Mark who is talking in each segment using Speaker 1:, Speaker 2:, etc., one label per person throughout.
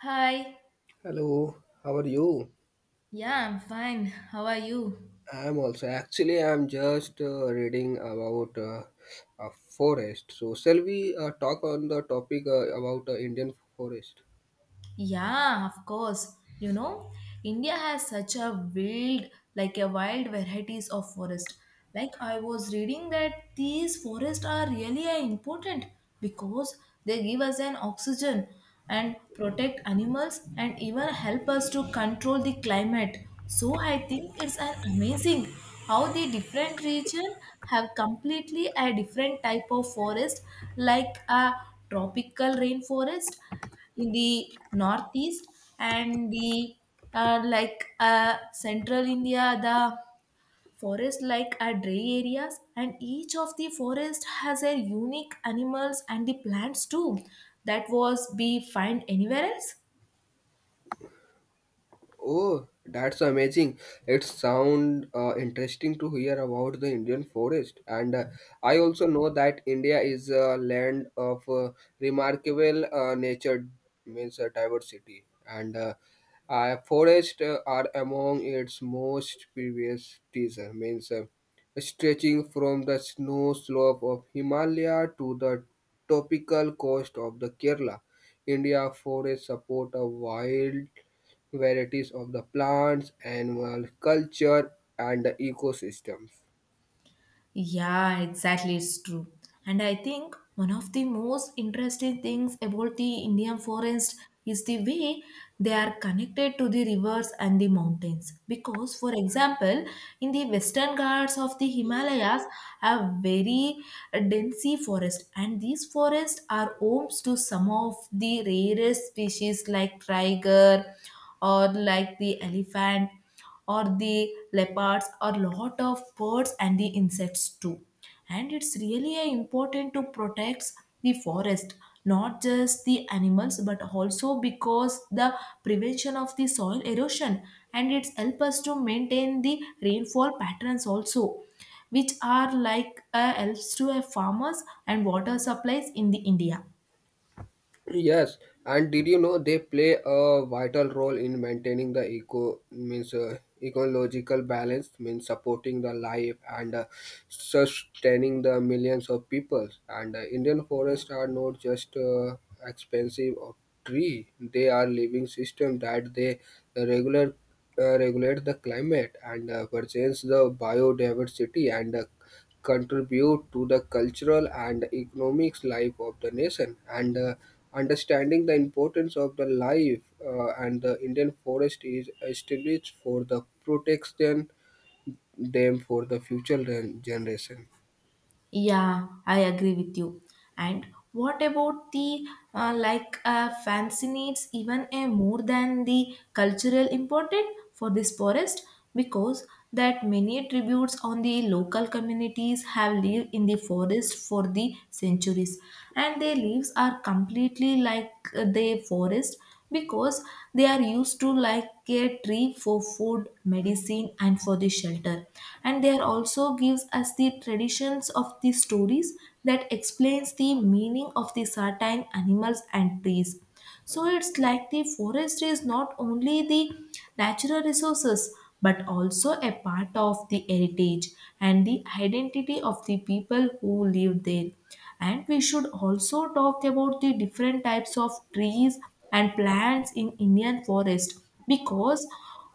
Speaker 1: Hi.
Speaker 2: Hello, how are you?
Speaker 1: Yeah, I'm fine. How are you?
Speaker 2: I'm also actually I'm just reading about a forest. So shall we talk on the topic about Indian forest?
Speaker 1: Yeah, of course. You know, India has such a wild, like a wild varieties of forest. Like I was reading that these forests are really important because they give us an oxygen and protect animals and even help us to control the climate. So I think it's an amazing how the different region have completely a different type of forest like a tropical rainforest in the northeast and the central india the forest like are dry areas, and each of the forest has a unique animals and the plants too that was be find anywhere else.
Speaker 2: Oh, that's amazing. It sound interesting to hear about the Indian forest. And I also know that India is a land of remarkable nature means diversity. And forests are among its most previous teaser means stretching from the snow slope of Himalaya to the tropical coast of the Kerala. India forests support a wild varieties of the plants, animal culture, and the ecosystems.
Speaker 1: Yeah, exactly. It's true. And I think one of the most interesting things about the Indian forest is the way they are connected to the rivers and the mountains. Because, for example, in the western Ghats of the Himalayas have very dense forest, and these forests are homes to some of the rarest species like tiger or like the elephant or the leopards or lot of birds and the insects too, and it's really important to protect the forest, not just the animals but also because the prevention of the soil erosion, and it's help us to maintain the rainfall patterns also, which are like helps to a farmers and water supplies in the india.
Speaker 2: Yes, and did you know they play a vital role in maintaining the eco means ecological balance means supporting the life and sustaining the millions of people. And Indian forests are not just expensive of tree; they are living system that they regular regulate the climate and preserve the biodiversity and contribute to the cultural and economic life of the nation and understanding the importance of the life and the indian forest is established for the protection them for the future generation.
Speaker 1: Yeah, I agree with you. And what about the fancy needs even a more than the cultural important for this forest, because that many tributes on the local communities have lived in the forest for the centuries, and their leaves are completely the forest, because they are used to like a tree for food medicine and for the shelter, and they are also gives us the traditions of the stories that explains the meaning of the certain animals and trees. So it's like the forest is not only the natural resources, but also a part of the heritage and the identity of the people who live there. And we should also talk about the different types of trees and plants in Indian forest, because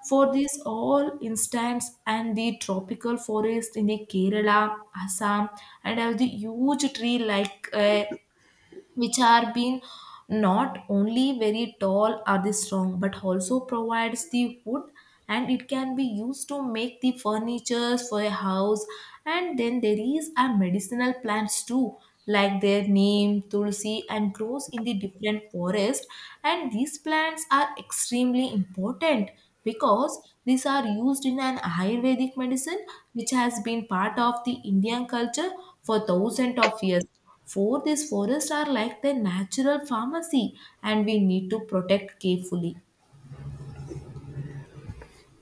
Speaker 1: for this all instance and the tropical forest in the Kerala, Assam, and have the huge tree like a which are being not only very tall or the strong but also provides the wood, and it can be used to make the furnitures for a house. And then there is a medicinal plants too, like their neem tulsi, and grows in the different forest, and these plants are extremely important because these are used in an ayurvedic medicine, which has been part of the indian culture for thousands of years. For these forests are like the natural pharmacy, and we need to protect carefully.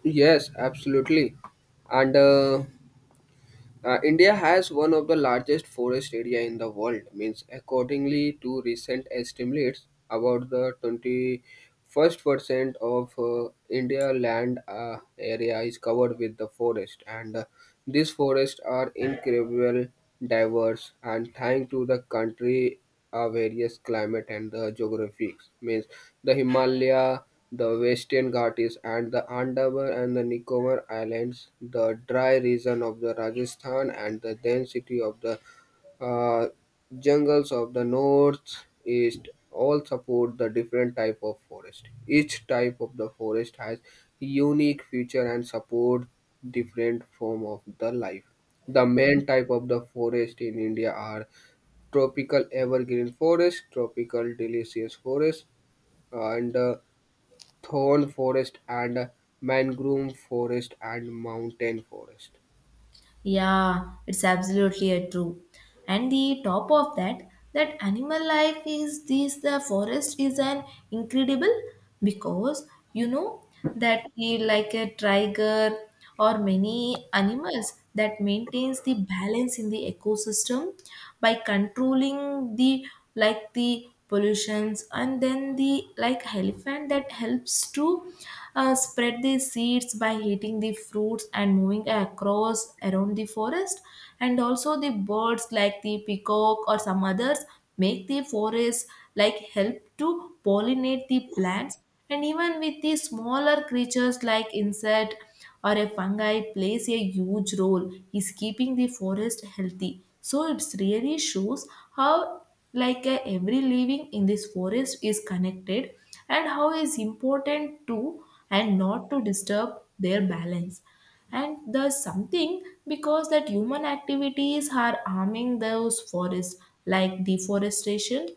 Speaker 2: Yes, absolutely. And India has one of the largest forest area in the world. Means accordingly to recent estimates, about the 21st percent of India land area is covered with the forest, and these forests are incredible diverse. And thanks to the country various climate and the geographies means the Himalaya, the Western Ghats and the Andaman and the Nicobar Islands, the dry region of the Rajasthan and the density of the uh, jungles of the north east all support the different type of forest. Each type of the forest has unique feature and support different form of the life. The main type of the forest in India are tropical evergreen forest, tropical deciduous forest, and thorn forest, and mangrove forest, and mountain forest.
Speaker 1: Yeah, it's absolutely a true. And the top of that, that animal life is this the forest is an incredible, because you know that the like a tiger or many animals that maintains the balance in the ecosystem by controlling the like the pollutions, and then the like elephant that helps to spread the seeds by heating the fruits and moving across around the forest. And also the birds like the peacock or some others make the forest like help to pollinate the plants, and even with the smaller creatures like insect or a fungi plays a huge role is keeping the forest healthy. So it really shows how every living in this forest is connected, and how is important to and not to disturb their balance. And there's something because that human activities are harming those forests, like deforestation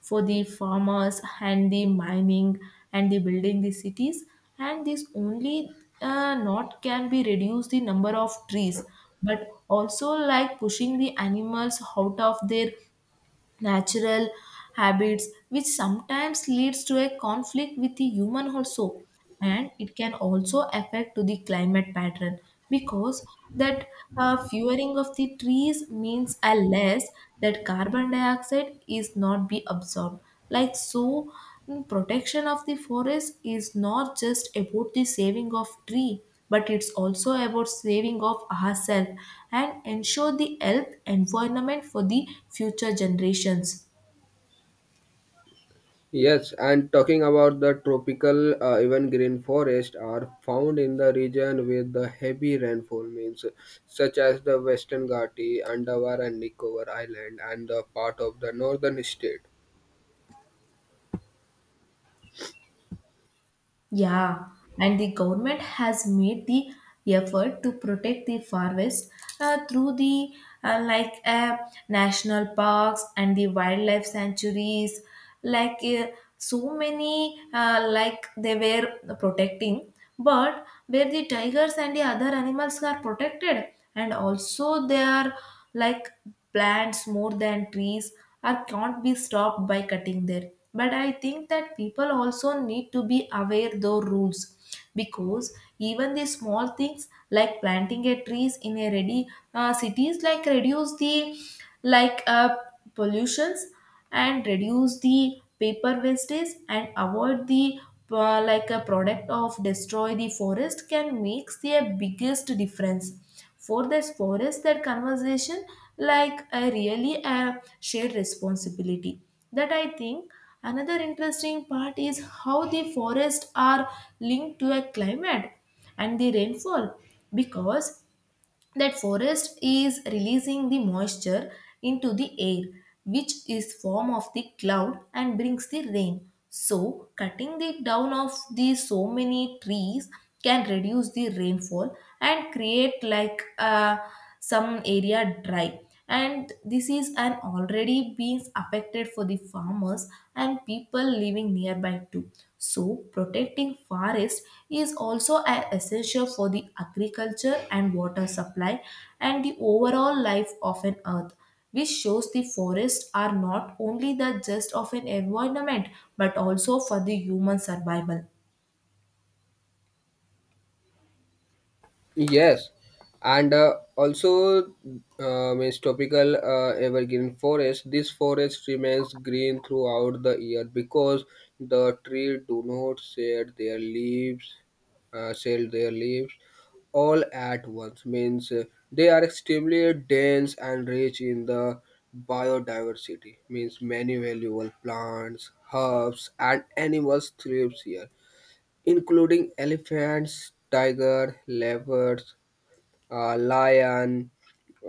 Speaker 1: for the farmers and the mining and the building the cities, and this only not can be reduce the number of trees but also like pushing the animals out of their natural habits, which sometimes leads to a conflict with the human also. And it can also affect to the climate pattern, because that furing of the trees means a less that carbon dioxide is not be absorbed, like so protection of the forest is not just about the saving of tree but it's also about saving of ourselves and ensure the health environment for the future generations.
Speaker 2: Yes, and talking about the tropical evergreen forest are found in the region with the heavy rainfall means such as the Western Ghats Andaman and the Nicobar Island and the part of the northern state.
Speaker 1: Yeah, and the government has made the effort to protect the forest through the uh, like uh, national parks and the wildlife sanctuaries, like so many like they were protecting, but where the tigers and the other animals are protected, and also they are like plants more than trees or can't be stopped by cutting there. But I think that people also need to be aware those rules, because even the small things like planting a trees in a ready cities like reduce the like uh, pollutions, and reduce the paper wastage, and avoid the like a product of destroy the forest can makes the biggest difference. For this forest that conversation like a really a shared responsibility. That I think another interesting part is how the forests are linked to a climate and the rainfall, because that forest is releasing the moisture into the air, which is form of the cloud and brings the rain. So cutting the down of the so many trees can reduce the rainfall and create like some area dry, and this is an already being affected for the farmers and people living nearby too. So protecting forest is also a- essential for the agriculture and water supply and the overall life of an earth, which shows the forests are not only the just of an environment but also for the human survival.
Speaker 2: Yes, and also means tropical evergreen forest. This forest remains green throughout the year because the tree do not shed their leaves, uh, shed their leaves all at once. Means they are extremely dense and rich in the biodiversity. Means many valuable plants, herbs, and animals thrives here including elephants, tiger, leopards, lion,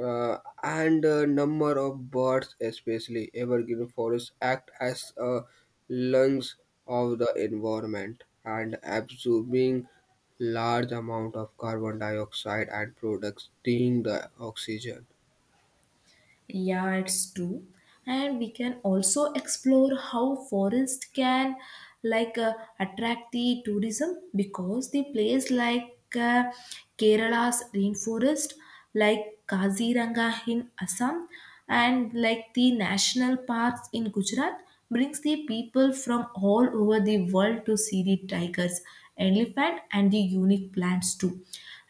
Speaker 2: and a number of birds, especially evergreen forests, act as lungs of the environment and absorbing large amount of carbon dioxide and producing the oxygen.
Speaker 1: Yeah, it's true. And we can also explore how forest can like uh, attract the tourism, because the place like Kerala's rainforest, like Kaziranga in Assam, and like the national parks in Gujarat brings the people from all over the world to see the tigers, elephant, and the unique plants too.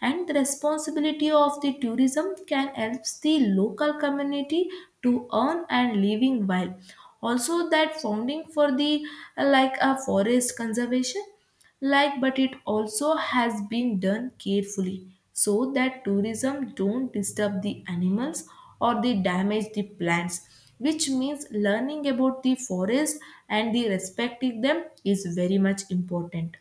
Speaker 1: And the responsibility of the tourism can help the local community to earn and living, while also that founding for the like a forest conservation like. But it also has been done carefully so that tourism don't disturb the animals or they damage the plants, which means learning about the forest and the respecting them is very much important.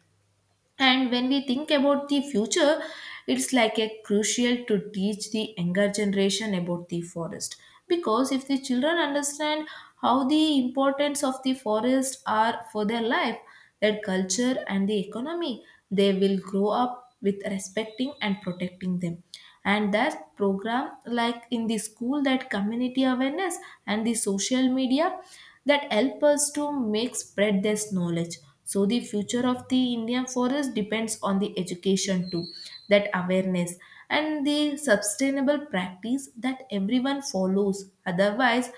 Speaker 1: And when we think about the future, it's like a crucial to teach the younger generation about the forest. Because if the children understand how the importance of the forest are for their life, their culture and the economy, they will grow up with respecting and protecting them. And that program like in the school that community awareness and the social media that help us to make spread this knowledge. So the future of the indian forest depends on the education too, that awareness and the sustainable practice that everyone follows. Otherwise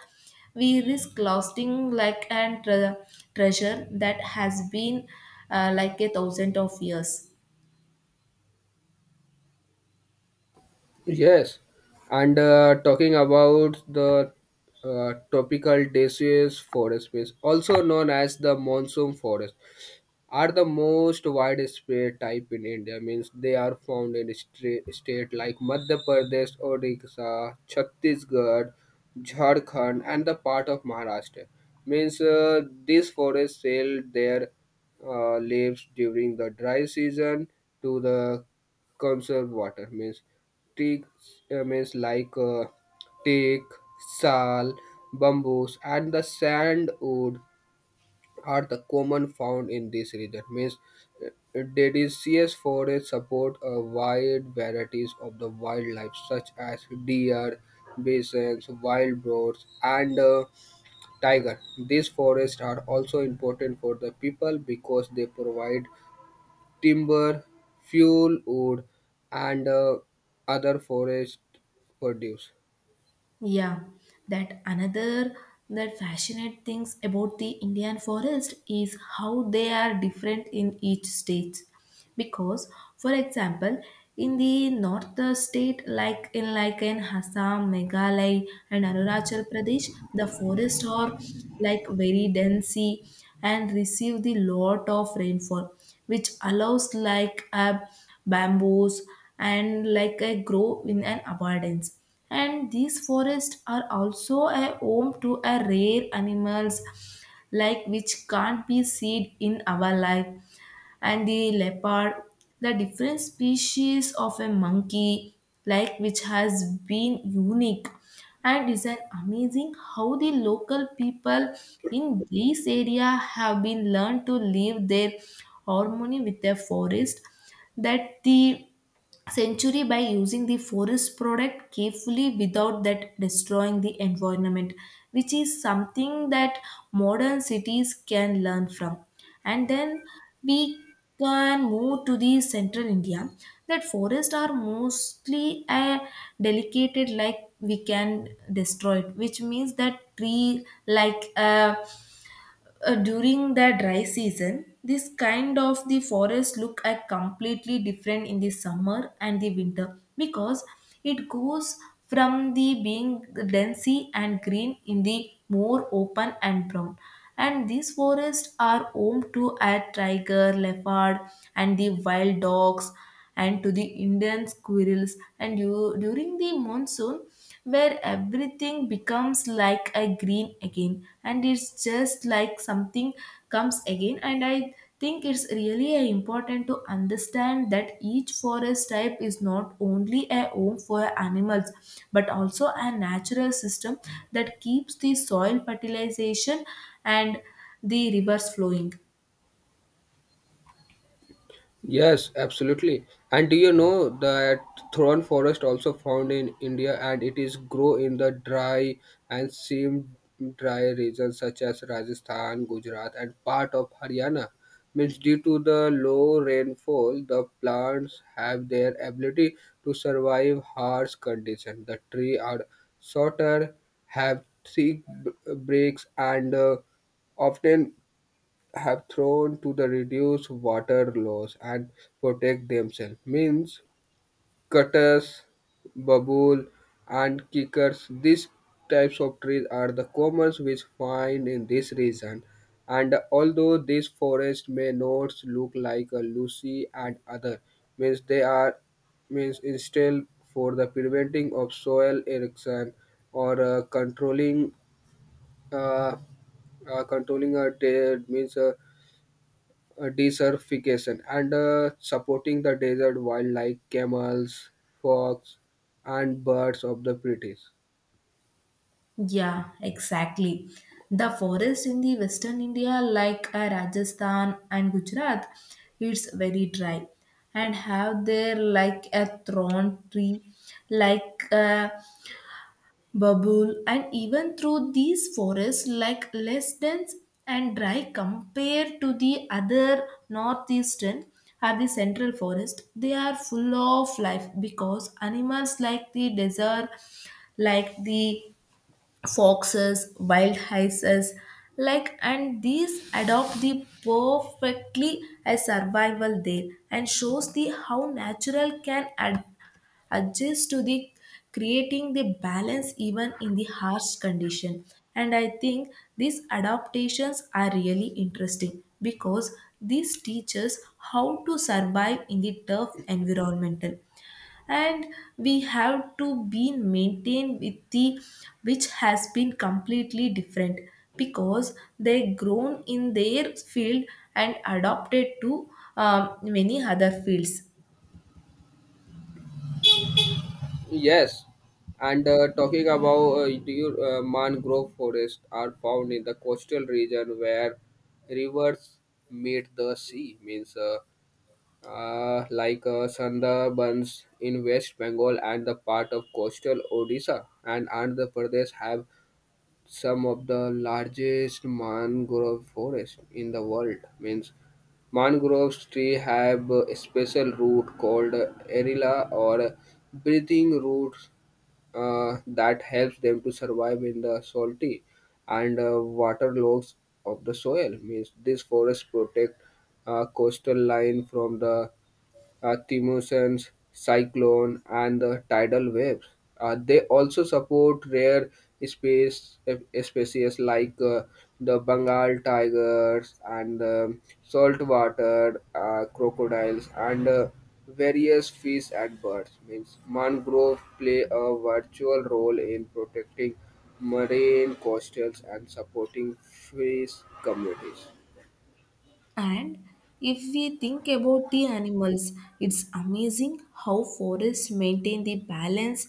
Speaker 1: we risk losing like and treasure that has been like a thousand of years.
Speaker 2: Yes, and talking about the tropical deciduous forest space, also known as the monsoon forest, are the most widespread type in India. Means they are found in state like Madhya Pradesh, Odisha, Chhattisgarh, Jharkhand, and the part of Maharashtra. Means these forests sell their leaves during the dry season to the conserve water. Means teak means like teak, sal, bamboos, and the sandwood are the common found in this region means uh, deciduous forests support a wide varieties of the wildlife such as deer bisons wild boars and tiger. These forests are also important for the people because they provide timber fuel wood and other forest produce.
Speaker 1: Yeah, that another that fascinate things about the Indian forest is how they are different in each state. Because, for example, in the north state like in Assam, Meghalaya, and Arunachal Pradesh, the forests are like very dense and receive the lot of rainfall, which allows like bamboos and like a grow in an abundance. And these forests are also a home to a rare animals like which can't be seen in our life, and the leopard, the different species of a monkey like which has been unique. And it's an amazing how the local people in this area have been learned to live their harmony with their forest, that the century by using the forest product carefully without that destroying the environment, which is something that modern cities can learn from. And then we can move to the central india that forests are mostly a delicated like we can destroy it, which means that tree like during the dry season, this kind of the forest look at completely different in the summer and the winter, because it goes from the being densey and green in the more open and brown. And these forests are home to a tiger leopard and the wild dogs and to the Indian squirrels, and you during the monsoon, where everything becomes like a green again, and it's just like something comes again. And I think it's really important to understand that each forest type is not only a home for animals but also a natural system that keeps the soil fertilization and the rivers flowing.
Speaker 2: Yes, absolutely. And do you know that thorn forest also found in India and it is grow in the dry and seem dry regions such as Rajasthan, Gujarat and part of Haryana. Means due to the low rainfall, the plants have their ability to survive harsh conditions. The tree are shorter, have thick breaks and often have thrown to the reduce water loss and protect themselves means cutters babul, and kickers these types of trees are the commons which find in this region and although these forests may not look like a lucy and other means they are means instead for the preventing of soil erosion or uh, controlling a dead means desertification and supporting the desert wildlife, camels, fox, and birds of the British.
Speaker 1: Yeah, exactly. The forest in the western India, like Rajasthan and Gujarat, it's very dry and have there like a thorn tree, like a bubble, and even through these forests, like less dense and dry compared to the other northeastern or the central forest, they are full of life because animals like the desert, like the foxes, wild hyenas, like and these adopt the perfectly as survival there and shows the how natural can adjust to the creating the balance even in the harsh condition, and I think these adaptations are really interesting because this teaches how to survive in the tough environmental, and we have to be maintained with the, which has been completely different because they grown in their field and adopted to many other fields.
Speaker 2: Yes, and talking about mangrove forests are found in the coastal region where rivers meet the sea, means Sundarbans in West Bengal and the part of coastal Odisha and Andhra Pradesh have some of the largest mangrove forests in the world. Means mangrove tree have a special root called erila or breathing roots that helps them to survive in the salty and water logs of the soil. Means this forest protect coastal line from the thermosynes, cyclone, and the tidal waves. They also support rare species like the Bengal tigers and the saltwater crocodiles and various fish and birds. Means mangroves play a virtual role in protecting marine coastals and supporting fish communities.
Speaker 1: And if we think about the animals, it's amazing how forests maintain the balance.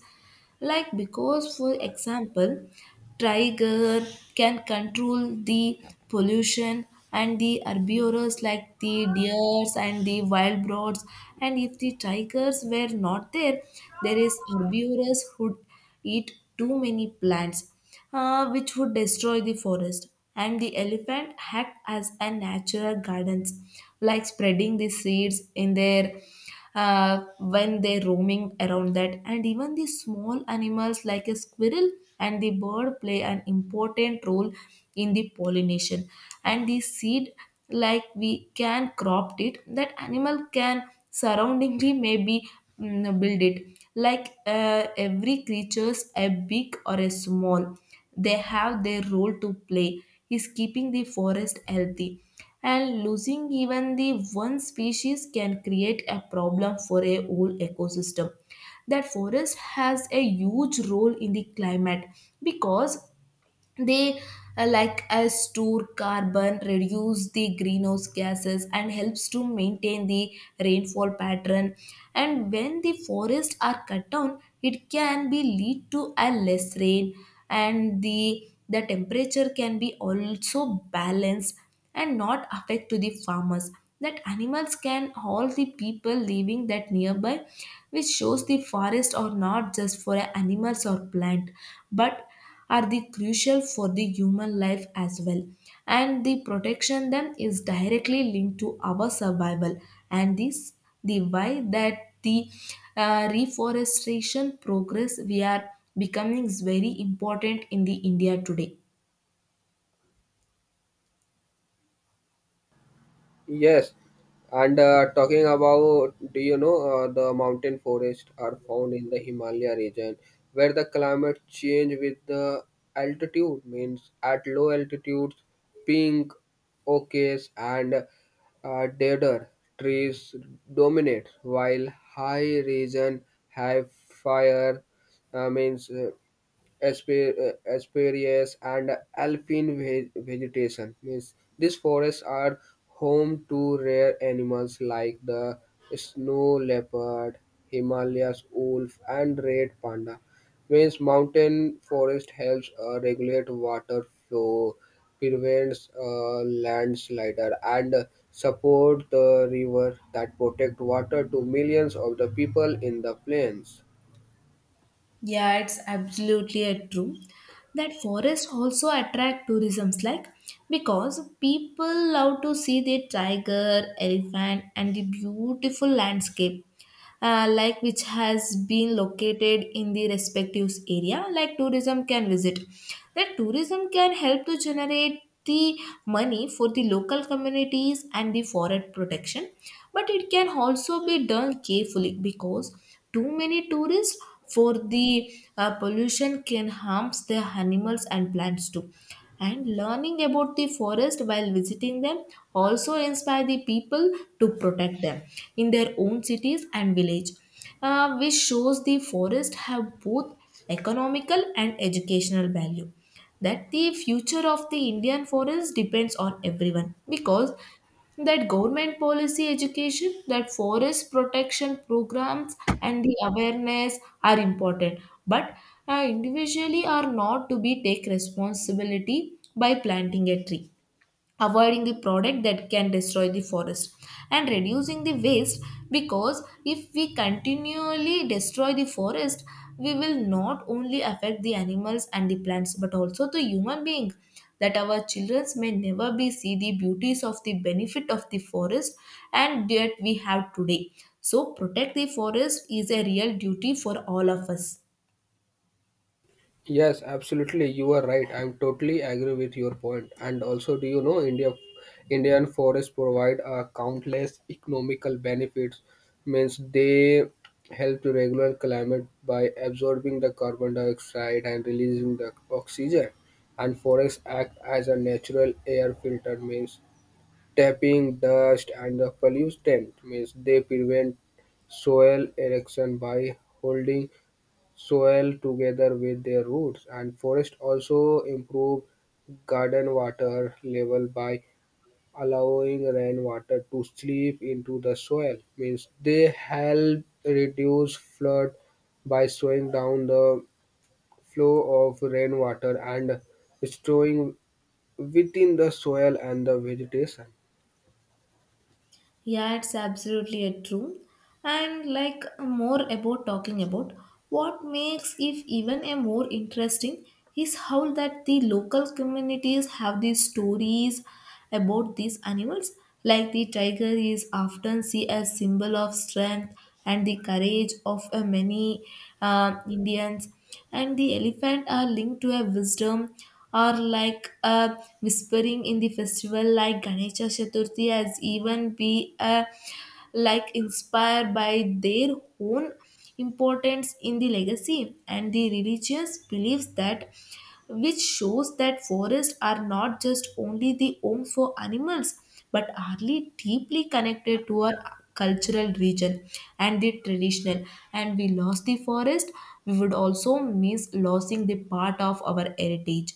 Speaker 1: Like, because, for example, tiger can control the pollution and the herbivores like the deers and the wild birds, and if the tigers were not there, there is herbivores who eat too many plants, which would destroy the forest. And the elephant act as a natural gardens, like spreading the seeds in their when they're roaming around that. And even the small animals like a squirrel and the bird play an important role in the pollination. And the seed, like we can crop it, that animal can surroundingly maybe build it like every creatures a big or a small, they have their role to play is keeping the forest healthy, and losing even the one species can create a problem for a whole ecosystem. That forest has a huge role in the climate because they like us store carbon, reduce the greenhouse gases and helps to maintain the rainfall pattern, and when the forests are cut down it can be lead to a less rain, and the temperature can be also balanced and not affect to the farmers that animals can all the people living that nearby, which shows the forest or not just for a animals or plant but are the crucial for the human life as well, and the protection them is directly linked to our survival. And this the why that the reforestation progress we are becoming is very important in the india today.
Speaker 2: Yes, and talking about, do you know, the mountain forests are found in the Himalaya region where the climate change with the altitude means at low altitudes, pink, oaks and deader trees dominate while high region have fire uh, means uh, asperias and alpine vegetation means these forests are home to rare animals like the snow leopard himalayas wolf and red panda means mountain forest helps regulate water flow prevents landslide and support the river that protect water to millions of the people in the plains.
Speaker 1: Yeah, it's absolutely a true that forests also attract tourisms like because people love to see the tiger, elephant and the beautiful landscape, like which has been located in the respective area like tourism can visit. That tourism can help to generate the money for the local communities and the forest protection, but it can also be done carefully because too many tourists for the pollution can harms the animals and plants too, and learning about the forest while visiting them also inspire the people to protect them in their own cities and village, which shows the forest have both economical and educational value. That the future of the Indian forest depends on everyone because that government policy education, that forest protection programs, and the awareness are important, but individually are not to be take responsibility by planting a tree, avoiding the product that can destroy the forest, and reducing the waste. Because if we continually destroy the forest, we will not only affect the animals and the plants but also the human being, that our children may never be see the beauties of the benefit of the forest and that we have today. So protect the forest is a real duty for all of us.
Speaker 2: Yes, absolutely. You are right. I'm totally agree with your point. And also, do you know Indian forests provide countless economical benefits. Means they help to regulate climate by absorbing the carbon dioxide and releasing the oxygen. And forests act as a natural air filter. Means tapping dust and the pollutant. Means they prevent soil erosion by holding soil together with their roots, and forests also improve garden water level by allowing rainwater to seep into the soil. Means they help reduce flood by slowing down the flow of rainwater and storing within the soil and the vegetation.
Speaker 1: Yeah, it's absolutely a true. And like more about talking about what makes if even a more interesting is how that the local communities have these stories about these animals. Like the tiger is often seen as symbol of strength and the courage of many Indians, and the elephant are linked to a wisdom or like a whispering in the festival like Ganesha Chaturthi as even be a like inspired by their own importance in the legacy and the religious beliefs, that which shows that forests are not just only the home for animals but are deeply connected to our cultural region and the traditional. And we lost the forest, we would also miss losing the part of our heritage.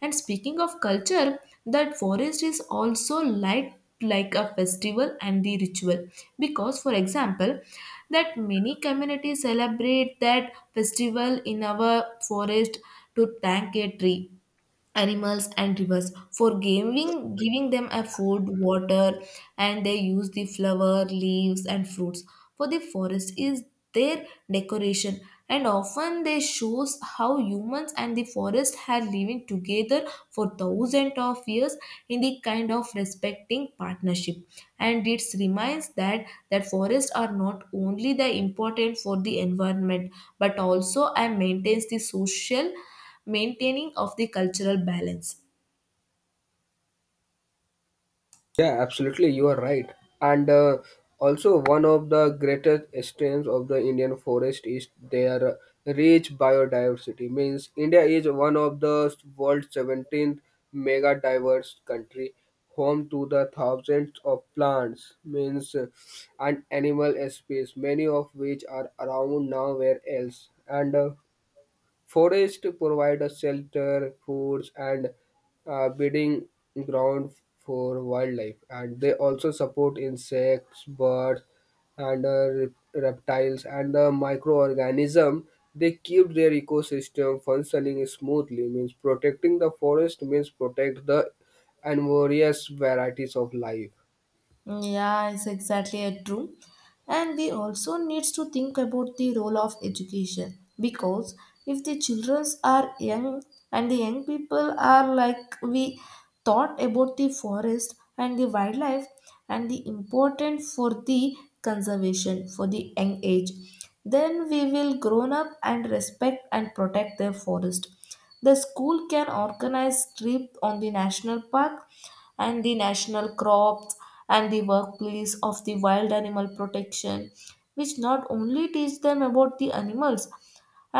Speaker 1: And speaking of culture, that forest is also like a festival and the ritual because for example that many communities celebrate that festival in our forest to thank a tree, animals and rivers for giving them a food water, and they use the flower leaves and fruits for the forest is their decoration, and often they shows how humans and the forest have living together for thousands of years in the kind of respecting partnership. And it reminds that that forests are not only the important for the environment but also and maintains the social, maintaining of the cultural balance.
Speaker 2: Yeah, absolutely. You are right. And also, one of the greatest strengths of the Indian forest is their rich biodiversity. Means India is one of the world's 17th mega diverse country, home to the thousands of plants, means and animal species, many of which are around nowhere else. And forests provide us shelter, foods, and breeding ground for wildlife, and they also support insects, birds, and reptiles and the microorganism. They keep their ecosystem functioning smoothly. Means protecting the forest means protect the and various varieties of life.
Speaker 1: Yeah, it's exactly it, true. And we also needs to think about the role of education because if the children are young and the young people are like we thought about the forest and the wildlife and the important for the conservation for the young age, then we will grown up and respect and protect the forest. The school can organize trips on the national park and the national crops and the workplace of the wild animal protection, which not only teach them about the animals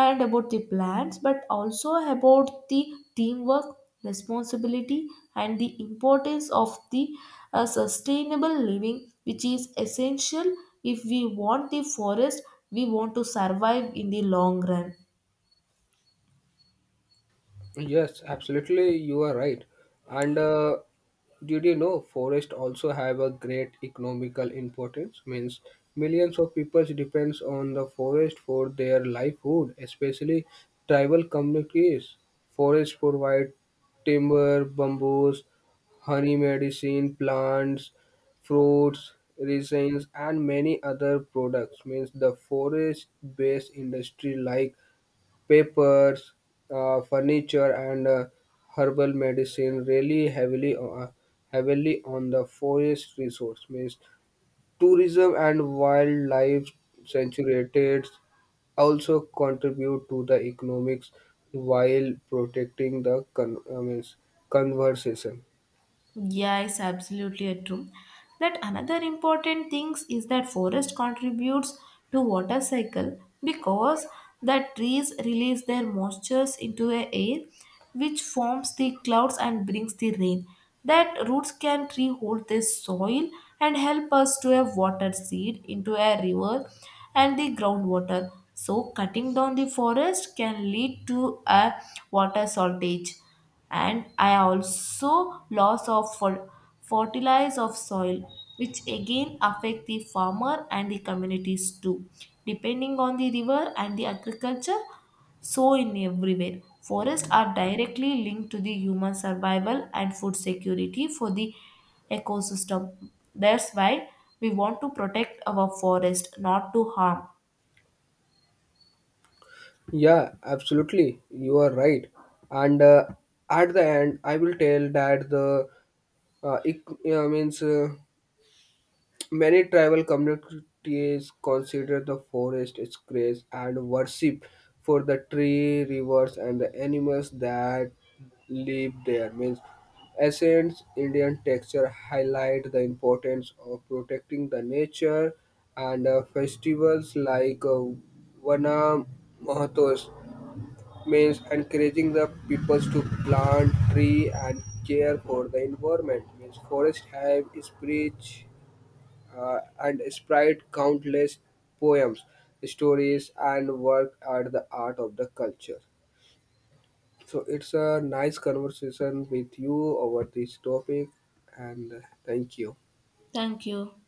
Speaker 1: and about the plants, but also about the teamwork, responsibility, and the importance of the sustainable living, which is essential if we want the forest we want to survive in the long run.
Speaker 2: Yes, absolutely, you are right. And did you know forests also have a great economical importance? Means millions of people depends on the forest for their livelihood, especially tribal communities. Forests provide timber, bamboos, honey medicine, plants, fruits, resins, and many other products. Means the forest-based industry like papers, furniture, and herbal medicine really heavily on the forest resource. Means tourism and wildlife sanctuaries also contribute to the economics while protecting the means conversation.
Speaker 1: Yeah, it's absolutely a true. That another important things is that forest contributes to water cycle because the trees release their moistures into the air, which forms the clouds and brings the rain. That roots can rehold this soil and help us to have water seed into a river and the groundwater. So cutting down the forest can lead to a water shortage, and I also loss of fertilize of soil, which again affect the farmer and the communities too. Depending on the river and the agriculture, so in everywhere. Forests are directly linked to the human survival and food security for the ecosystem. That's why we want to protect our forest, not to harm.
Speaker 2: Yeah, absolutely. You are right. And at the end, I will tell that the ec- means many tribal communities consider the forest its grace and worship for the tree, rivers, and the animals that live there. Means ancient Indian texture highlight the importance of protecting the nature and festivals like Vana Mahatos means encouraging the peoples to plant tree and care for the environment means forest have is rich and spread countless poems, stories, and work at the art of the culture. So it's a nice conversation with you over this topic, and thank you.
Speaker 1: Thank you.